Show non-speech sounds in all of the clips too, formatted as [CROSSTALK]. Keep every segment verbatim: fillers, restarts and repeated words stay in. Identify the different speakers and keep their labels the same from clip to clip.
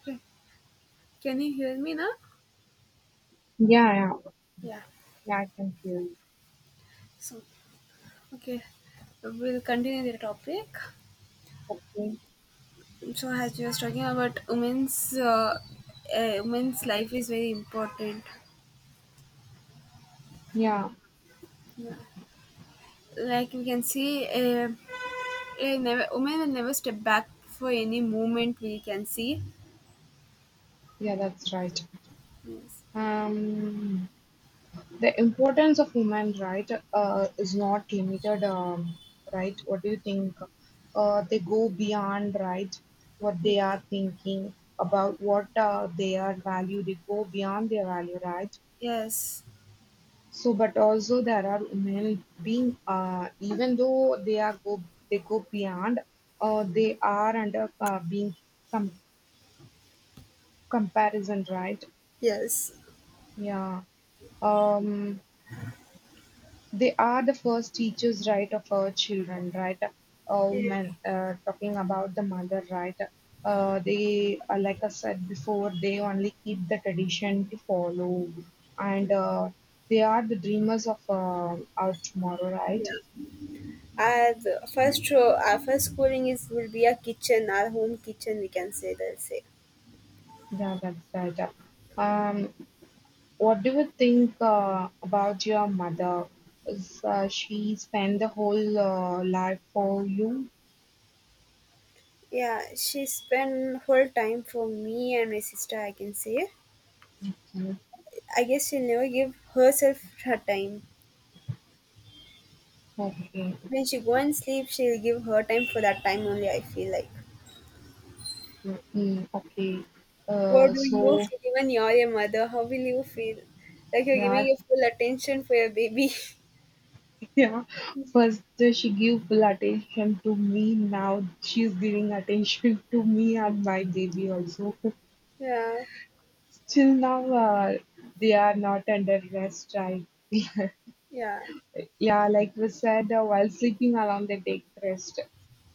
Speaker 1: Okay. Can you hear me now?
Speaker 2: Yeah, yeah,
Speaker 1: Yeah.
Speaker 2: yeah, I can hear.
Speaker 1: So, okay, we'll continue the topic.
Speaker 2: Okay.
Speaker 1: So, as you was talking about women's, uh, uh, women's life is very important.
Speaker 2: Yeah,
Speaker 1: Like we can see, uh, uh, never, women will never step back for any movement. We can see.
Speaker 2: yeah, that's right.
Speaker 1: Yes.
Speaker 2: Um, the importance of women, right, uh, is not limited, um, right? What do you think? Uh, they go beyond, right, what they are thinking about, what uh, they are value. They go beyond their value, right?
Speaker 1: Yes.
Speaker 2: So, but also there are women being, uh, even though they are go, they go beyond, uh, they are under uh, being comparison, right?
Speaker 1: Yes.
Speaker 2: Yeah. Um, they are the first teachers, right, of our children, right? Oh
Speaker 1: Yes.
Speaker 2: man, uh, talking about the mother, right? Uh, they, uh, like I said before, they only keep the tradition to follow, and uh, they are the dreamers of uh, our tomorrow,
Speaker 1: Yeah.
Speaker 2: right?
Speaker 1: Our first uh, our first schooling is will be a kitchen, our home kitchen. We can say they'll say.
Speaker 2: Yeah, that's right. Um, what do you think uh, about your mother? Is uh, she spent the whole uh, life for you?
Speaker 1: Yeah, she spent her time for me and my sister, I can say.
Speaker 2: Okay,
Speaker 1: I guess she'll never give herself her time.
Speaker 2: okay,
Speaker 1: When she go and sleep, she'll give her time for that time only, I feel like.
Speaker 2: okay, mm, okay.
Speaker 1: What
Speaker 2: Uh,
Speaker 1: do you
Speaker 2: so
Speaker 1: feel? Even you're a mother, how will you feel? Like you're giving
Speaker 2: yeah,
Speaker 1: your full attention for your baby.
Speaker 2: [LAUGHS] yeah. First uh, she give full attention to me. Now she's giving attention to me and my baby also.
Speaker 1: [LAUGHS] Yeah,
Speaker 2: [LAUGHS] Till now, uh, they are not under rest. I [LAUGHS]
Speaker 1: yeah,
Speaker 2: Yeah, like we said, uh, while sleeping alarm, they take rest.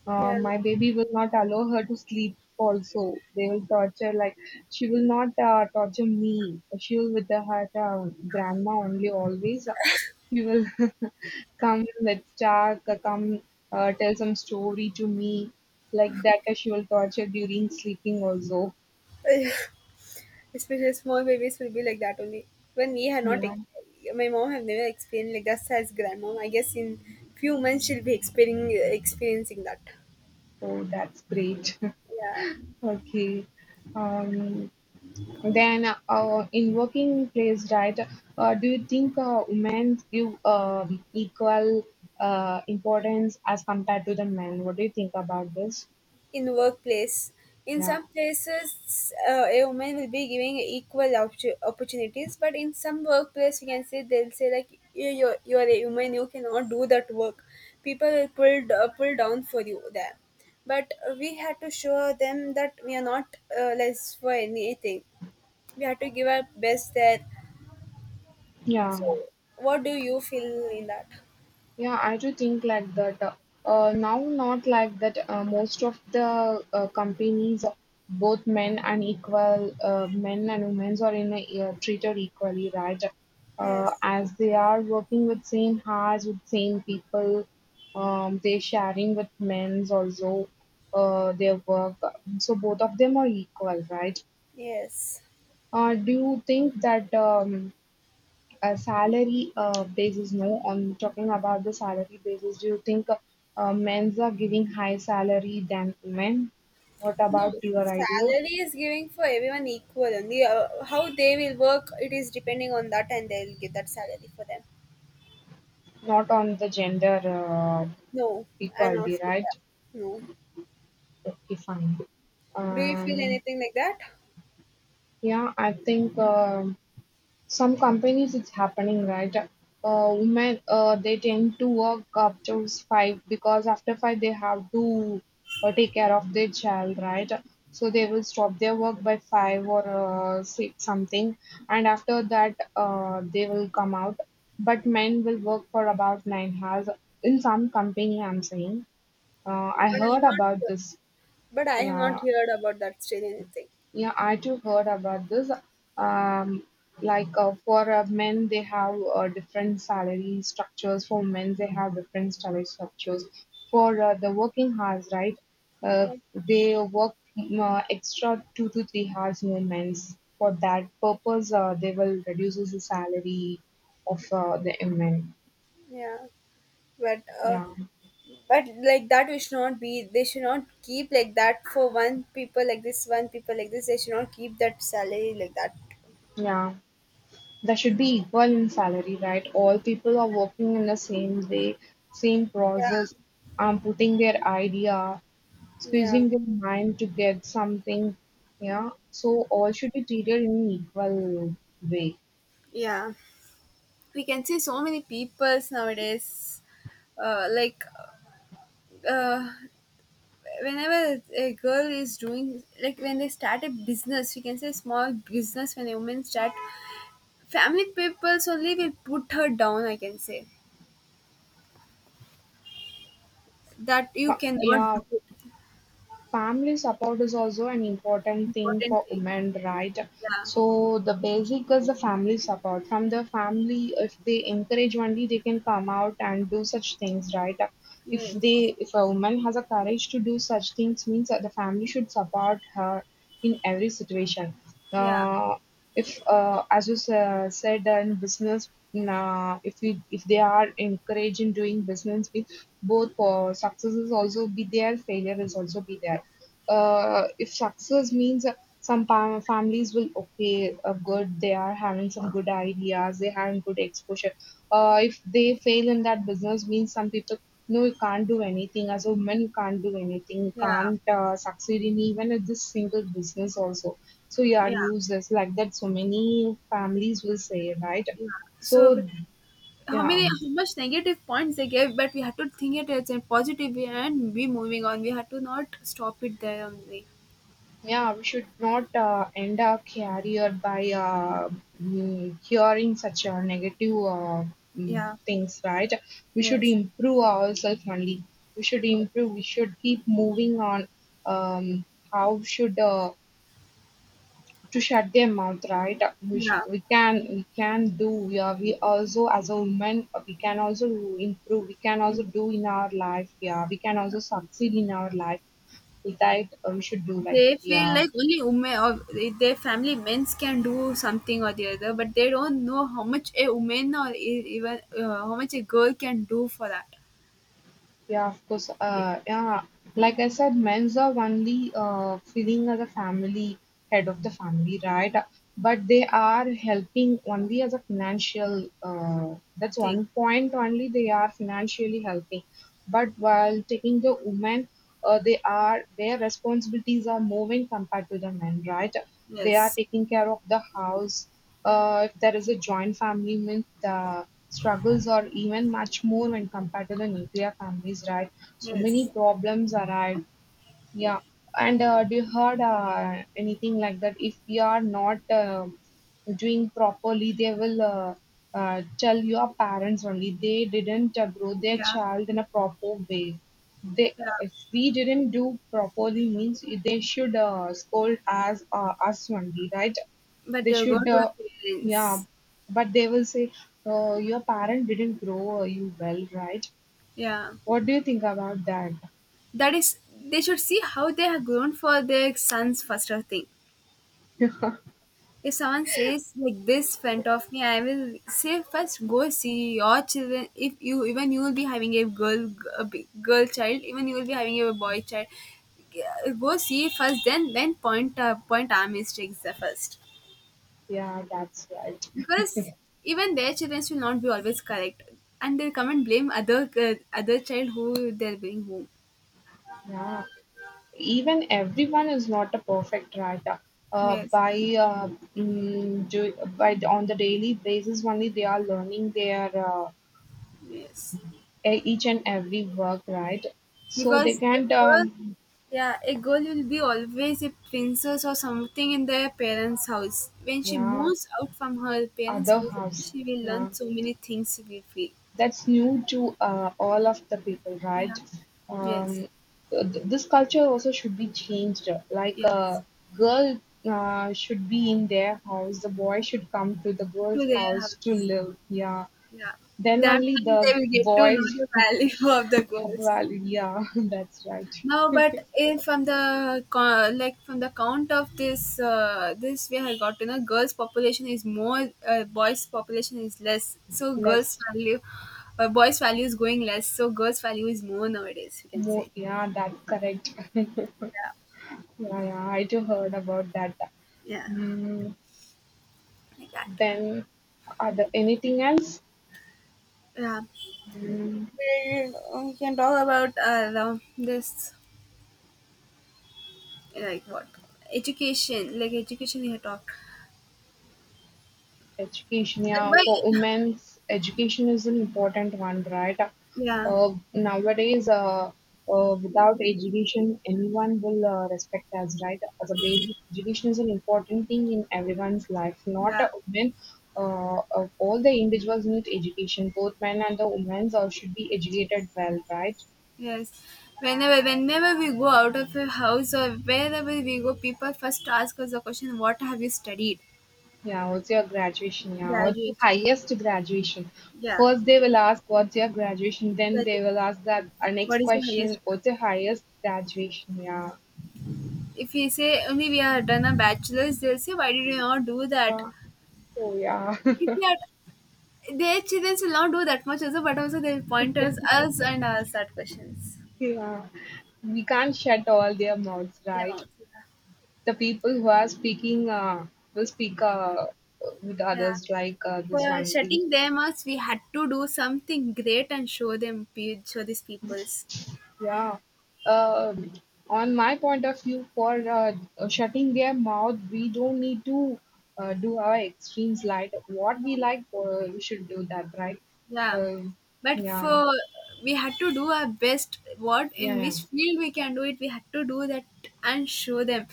Speaker 2: Uh,
Speaker 1: yeah.
Speaker 2: my baby will not allow her to sleep also. They will torture, like, she will not uh, torture me. She will with her uh, grandma only always. uh, She will [LAUGHS] come, let's talk, uh, come uh, tell some story to me. Like that, uh, she will torture during sleeping also.
Speaker 1: [LAUGHS] Especially small babies will be like that only. When we have not,
Speaker 2: Yeah.
Speaker 1: ex- my mom have never experienced like that as grandmom. I guess in few months she'll be experiencing experiencing that.
Speaker 2: Oh, that's great. [LAUGHS]
Speaker 1: Yeah,
Speaker 2: Okay. Um, Then, uh, in working place, right, uh, do you think uh, women give um, equal uh, importance as compared to the men? What do you think about this?
Speaker 1: in workplace, in
Speaker 2: Yeah,
Speaker 1: some places uh, a woman will be giving equal op- opportunities, but in some workplace you can say they'll say, like, you you're, you're a woman, you cannot do that work. People will pull d- uh, pull down for you there, but we had to show them that we are not uh, less for anything. We had to give our best there.
Speaker 2: yeah.
Speaker 1: So what do you feel in that?
Speaker 2: Yeah, I do think like that. Uh, now, not like that. Uh, most of the uh, companies, both men and equal, uh, men and women are in a, uh, treated equally, right? Uh,
Speaker 1: Yes.
Speaker 2: as they are working with same hours, with same people, um, they sharing with men's also uh, their work. So both of them are equal, right?
Speaker 1: Yes.
Speaker 2: Uh, do you think that um, uh, salary uh, basis, no, I'm talking about the salary basis. Do you think uh, uh, men's are giving high salary than women? What
Speaker 1: No,
Speaker 2: about your idea?
Speaker 1: salary is giving for everyone equal only. Uh, how they will work, it is depending on that, and they'll give that salary for them.
Speaker 2: Not on the gender uh,
Speaker 1: No, I'm not
Speaker 2: equality,
Speaker 1: feel
Speaker 2: right?
Speaker 1: that. No.
Speaker 2: Okay, fine.
Speaker 1: Do you feel
Speaker 2: Um,
Speaker 1: anything like that?
Speaker 2: yeah, I think. um Some companies it's happening right, uh, women, uh, they tend to work up to five because after five they have to uh, take care of their child, right? So they will stop their work by five or uh, six something, and after that uh, they will come out, but men will work for about nine hours in some company, I'm saying. uh, I
Speaker 1: But I'm
Speaker 2: heard
Speaker 1: not
Speaker 2: about
Speaker 1: here.
Speaker 2: this.
Speaker 1: But I have
Speaker 2: Yeah,
Speaker 1: not heard about that still anything.
Speaker 2: yeah, I too heard about this. Um, like uh, for uh, men, they have uh, different salary structures. For men, they have different salary structures. For uh, the working hours, right? Uh,
Speaker 1: No.
Speaker 2: they work mm, uh, extra two to three hours more men's. For that purpose, uh, they will reduce the salary of uh, the men.
Speaker 1: Yeah. But uh,
Speaker 2: Yeah,
Speaker 1: but like that we should not be. They should not keep like that for one people like this, one people like this. They should not keep that salary like that.
Speaker 2: yeah. There should be equal in salary, right? All people are working in the same way, same
Speaker 1: Yeah.
Speaker 2: process, um, putting their idea,
Speaker 1: Yeah.
Speaker 2: squeezing their mind to get something. Yeah, so all should be treated in equal way.
Speaker 1: Yeah. We can see so many peoples nowadays, uh, like uh, whenever a girl is doing, like when they start a business, we can say small business, when a woman start, family peoples only will put her down, I can say, that you
Speaker 2: Uh,
Speaker 1: cannot do
Speaker 2: Yeah,
Speaker 1: it.
Speaker 2: family support is also an important thing
Speaker 1: Important
Speaker 2: for
Speaker 1: thing.
Speaker 2: women, right?
Speaker 1: Yeah.
Speaker 2: So the basic is the family support. From the family, if they encourage only, they can come out and do such things, right? If
Speaker 1: Yes.
Speaker 2: they, if a woman has a courage to do such things, means that the family should support her in every situation.
Speaker 1: Yeah.
Speaker 2: Uh, if, uh, as you sa- said, uh, in business, uh, if we, if they are encouraging doing business, both uh, success is also be there, failure is also be there. Uh, if success means, uh, some pa- families will okay, uh, good, they are having some good ideas, they having good exposure. Uh, if they fail in that business, means some people no, you can't do anything. As a woman, you can't do anything. You
Speaker 1: Yeah.
Speaker 2: can't uh, succeed in even at this single business also. So you are
Speaker 1: Yeah.
Speaker 2: useless like that. So many families will say, right?
Speaker 1: Yeah, so
Speaker 2: So
Speaker 1: how
Speaker 2: yeah.
Speaker 1: many, how much negative points they gave, but we had to think it as a positive way and be moving on. We had to not stop it there only.
Speaker 2: Yeah, we should not uh, end our career by uh, mm, hearing such uh, negative uh, mm,
Speaker 1: Yeah.
Speaker 2: things, right? We should
Speaker 1: Yes.
Speaker 2: improve ourselves only. We should improve. We should keep moving on. Um, how should uh, to shut their mouth, right? We should,
Speaker 1: Yeah.
Speaker 2: we can we can do. We are we also as a woman, uh, we can also improve. We can
Speaker 1: Mm.
Speaker 2: also do in our life. Yeah, we can also succeed in our life. With that, uh, we should do like
Speaker 1: They
Speaker 2: that.
Speaker 1: feel
Speaker 2: Yeah.
Speaker 1: like only women, or their family men's can do something or the other, but they don't know how much a woman, or e- even uh, how much a girl can do for that
Speaker 2: Yeah, of course. Uh, yeah, like I said, men's are only uh, feeling as a family, head of the family, right? But they are helping only as a financial. Uh, that's
Speaker 1: thing.
Speaker 2: one point. Only they are financially helping. But while taking the women, uh, they are their responsibilities are moving compared to the men, right? They are
Speaker 1: Yes.
Speaker 2: taking care of the house. Uh, if there is a joint family, means the struggles are even much more when compared to the nuclear families, right? So many
Speaker 1: Yes.
Speaker 2: problems arise. Yeah, and uh, do you heard uh, anything like that? If you are not um doing properly, they will uh, uh, tell your parents only. They didn't uh, grow their
Speaker 1: Yeah.
Speaker 2: child in a proper way. They,
Speaker 1: Yeah.
Speaker 2: if we didn't do properly, means they should uh, scold as uh, us only, right?
Speaker 1: But
Speaker 2: They
Speaker 1: they'll go to
Speaker 2: should, uh,
Speaker 1: their
Speaker 2: yeah.
Speaker 1: parents.
Speaker 2: But they will say, uh, your parent didn't grow you well, right?
Speaker 1: Yeah.
Speaker 2: What do you think about that?
Speaker 1: That is, they should see how they have grown for their sons first or thing. If someone says like this front of me, I will say first go see your children. If you, even you will be having a girl, a big girl child, even you will be having a boy child. Yeah, go see first, then then point uh, point our mistakes the first,
Speaker 2: Yeah, that's right.
Speaker 1: because even their children will not be always correct, and they'll come and blame other uh, other child who they're bringing home.
Speaker 2: Yeah. even everyone is not a perfect writer. Uh,
Speaker 1: Yes,
Speaker 2: by uh, mm, do, by on the daily basis only they are learning their uh,
Speaker 1: yes.
Speaker 2: e- each and every work, right? So they
Speaker 1: Because a
Speaker 2: can't.
Speaker 1: girl,
Speaker 2: Um,
Speaker 1: yeah, a girl will be always a princess or something in their parents' house. When she
Speaker 2: yeah,
Speaker 1: moves out from her parents'
Speaker 2: other
Speaker 1: house,
Speaker 2: house,
Speaker 1: she will learn
Speaker 2: yeah,
Speaker 1: so many things. We feel,
Speaker 2: that's new to uh, all of the people,
Speaker 1: yeah,
Speaker 2: right?
Speaker 1: yes,
Speaker 2: Um, th- this culture also should be changed. Like
Speaker 1: yes,
Speaker 2: a girl uh, should be in their house, the boy should come to the
Speaker 1: to
Speaker 2: girl's
Speaker 1: their house,
Speaker 2: house to live. Yeah.
Speaker 1: yeah.
Speaker 2: Then
Speaker 1: That
Speaker 2: only
Speaker 1: time
Speaker 2: the
Speaker 1: they will get to know
Speaker 2: voiced
Speaker 1: the value [LAUGHS] of the girls.
Speaker 2: vowel. [LAUGHS] Yeah, [LAUGHS] that's right.
Speaker 1: No, but if from the co- like from the count of this uh, this, we have got to know girls population is more, uh, boys population is less, so girls
Speaker 2: Less
Speaker 1: value uh, boys value is going less, so girls value is more nowadays, you can
Speaker 2: more,
Speaker 1: say.
Speaker 2: yeah, that's correct. [LAUGHS] Yeah,
Speaker 1: Yeah.
Speaker 2: yeah, I too heard about that.
Speaker 1: Yeah.
Speaker 2: Mm.
Speaker 1: Like that.
Speaker 2: Then are there anything else?
Speaker 1: Yeah.
Speaker 2: Mm.
Speaker 1: And, uh, we can talk about uh, the- this, like what, education, like education we have talked.
Speaker 2: Education,
Speaker 1: Like,
Speaker 2: yeah, for
Speaker 1: why.
Speaker 2: women's education is an important one, right?
Speaker 1: Yeah.
Speaker 2: Uh, nowadays, uh, uh, without education, anyone will uh, respect us, right? As a basic education is an important thing in everyone's life, not
Speaker 1: Yeah.
Speaker 2: a women. Uh, uh, all the individuals need education. Both men and the women uh, should be educated well, right?
Speaker 1: Yes. Whenever, whenever we go out of a house or wherever we go, people first ask us the question, "What have you studied?"
Speaker 2: Yeah, what's your graduation? Yeah, what's your
Speaker 1: Graduation.
Speaker 2: highest graduation?
Speaker 1: Yeah.
Speaker 2: First, they will ask what's your graduation, then
Speaker 1: Graduation.
Speaker 2: they will ask that our next
Speaker 1: What is your highest?
Speaker 2: question, what's your highest graduation? Yeah.
Speaker 1: If we say only we have done a bachelor's, they'll say, "Why did you not do that?"
Speaker 2: Yeah. Oh, yeah.
Speaker 1: If
Speaker 2: [LAUGHS]
Speaker 1: we are, their children will not do that much also, but also they'll point us, us and ask that questions.
Speaker 2: Yeah. We can't shut all their mouths,
Speaker 1: Yeah.
Speaker 2: right? The people who are speaking uh, will speak uh, with
Speaker 1: Yeah.
Speaker 2: others like uh,
Speaker 1: For
Speaker 2: this one.
Speaker 1: shutting them us, we had to do something great and show them, pe- show these peoples.
Speaker 2: Yeah. Um on my point of view, for uh, shutting their mouth, we don't need to uh, do our extremes like what we like, uh, we should do that, right?
Speaker 1: Yeah,
Speaker 2: Um
Speaker 1: but
Speaker 2: yeah.
Speaker 1: for we had to do our best. What
Speaker 2: Yeah.
Speaker 1: in
Speaker 2: Yeah.
Speaker 1: which field we can do it, we had to do that and show them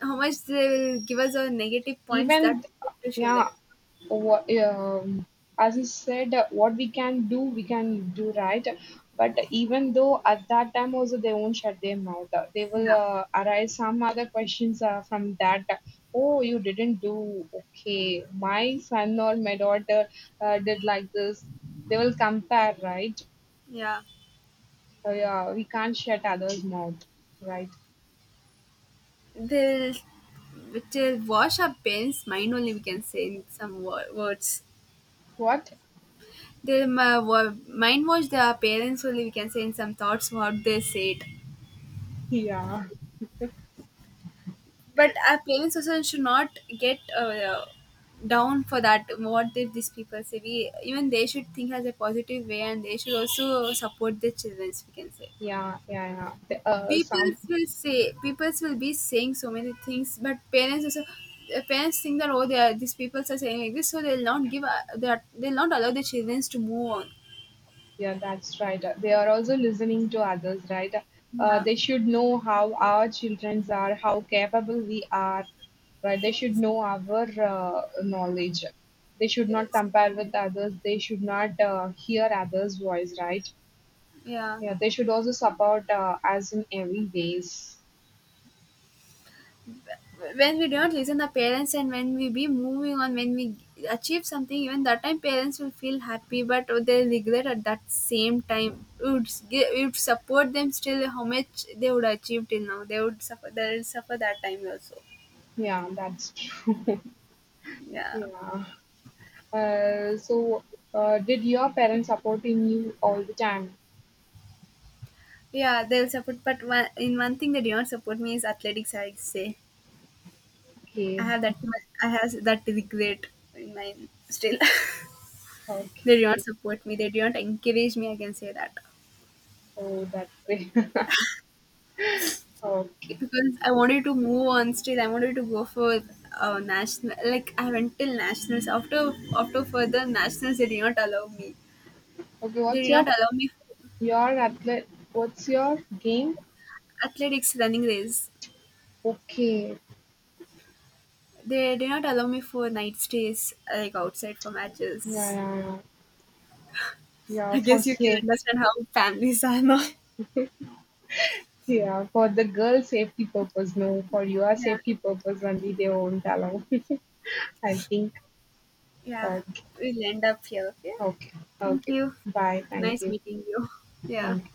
Speaker 1: how much they will give us our negative points.
Speaker 2: Even,
Speaker 1: That we have to show them.
Speaker 2: yeah, what, um, as you said, uh, what we can do we can do, right? But even though at that time also they won't shut their mouth. Uh, they will
Speaker 1: Yeah,
Speaker 2: uh, arise some other questions uh, from that. Oh, you didn't do okay, my son or my daughter uh, did like this. They will compare, right?
Speaker 1: yeah.
Speaker 2: Uh, yeah, we can't shut others mouth, right?
Speaker 1: They'll they'll wash our parents' mind only. We can say in some wo- words.
Speaker 2: What?
Speaker 1: They'll uh, wa- mind wash their parents only. We can say in some thoughts what they said.
Speaker 2: Yeah,
Speaker 1: But our parents also should not get uh, down for that, what did these people say. We even, they should think as a positive way, and they should also support their children, we can say.
Speaker 2: yeah, yeah, yeah. The- uh,
Speaker 1: People
Speaker 2: some.
Speaker 1: will say, people will be saying so many things, but parents also uh, parents think that, oh they are, these people are saying like this, so they'll not give uh, that, they'll not allow their children to move on.
Speaker 2: Yeah, that's right. Uh, They are also listening to others, right? Uh,
Speaker 1: Yeah.
Speaker 2: they should know how our children are, how capable we are, right? They should
Speaker 1: Yes.
Speaker 2: know our uh, knowledge. They should
Speaker 1: Yes.
Speaker 2: not compare with others. They should not uh, hear others' voice, right?
Speaker 1: Yeah.
Speaker 2: Yeah, they should also support uh, us in every ways.
Speaker 1: When we don't listen the parents and when we be moving on, when we achieve something, even that time parents will feel happy, but they regret at that same time. We would, s- gi- we would support them still, how much they would achieve till now, they would suffer, they'll suffer that time also.
Speaker 2: Yeah, that's true. [LAUGHS]
Speaker 1: Yeah.
Speaker 2: Yeah. Uh, so, uh, did your parents supporting you all the time?
Speaker 1: Yeah. They'll support, but one, in one thing they do not support me is athletics, I say. I
Speaker 2: Okay.
Speaker 1: have that much- I have that regret in mind still. [LAUGHS]
Speaker 2: Okay.
Speaker 1: They do not support me, they do not encourage me, I can say that,
Speaker 2: Oh, that's great. [LAUGHS] Okay.
Speaker 1: because I wanted to move on still. I wanted to go for uh, national. Like I went till nationals. After after further nationals, they did not allow me.
Speaker 2: Okay,
Speaker 1: They
Speaker 2: what's
Speaker 1: did
Speaker 2: your
Speaker 1: not allow me for
Speaker 2: your athlete? What's your game?
Speaker 1: athletics running race.
Speaker 2: Okay,
Speaker 1: They did not allow me for night stays like outside for
Speaker 2: yeah,
Speaker 1: matches.
Speaker 2: yeah, yeah, yeah.
Speaker 1: I
Speaker 2: For
Speaker 1: guess you can
Speaker 2: safe,
Speaker 1: understand how families are now. [LAUGHS]
Speaker 2: yeah, for the girl safety purpose. No, for your
Speaker 1: Yeah,
Speaker 2: safety purpose only. They won't allow. [LAUGHS] I think.
Speaker 1: yeah.
Speaker 2: Okay,
Speaker 1: We'll end up here. Yeah.
Speaker 2: okay,
Speaker 1: Thank
Speaker 2: okay.
Speaker 1: you.
Speaker 2: Bye. Thank
Speaker 1: Nice
Speaker 2: you.
Speaker 1: meeting you. Yeah.
Speaker 2: Thank you.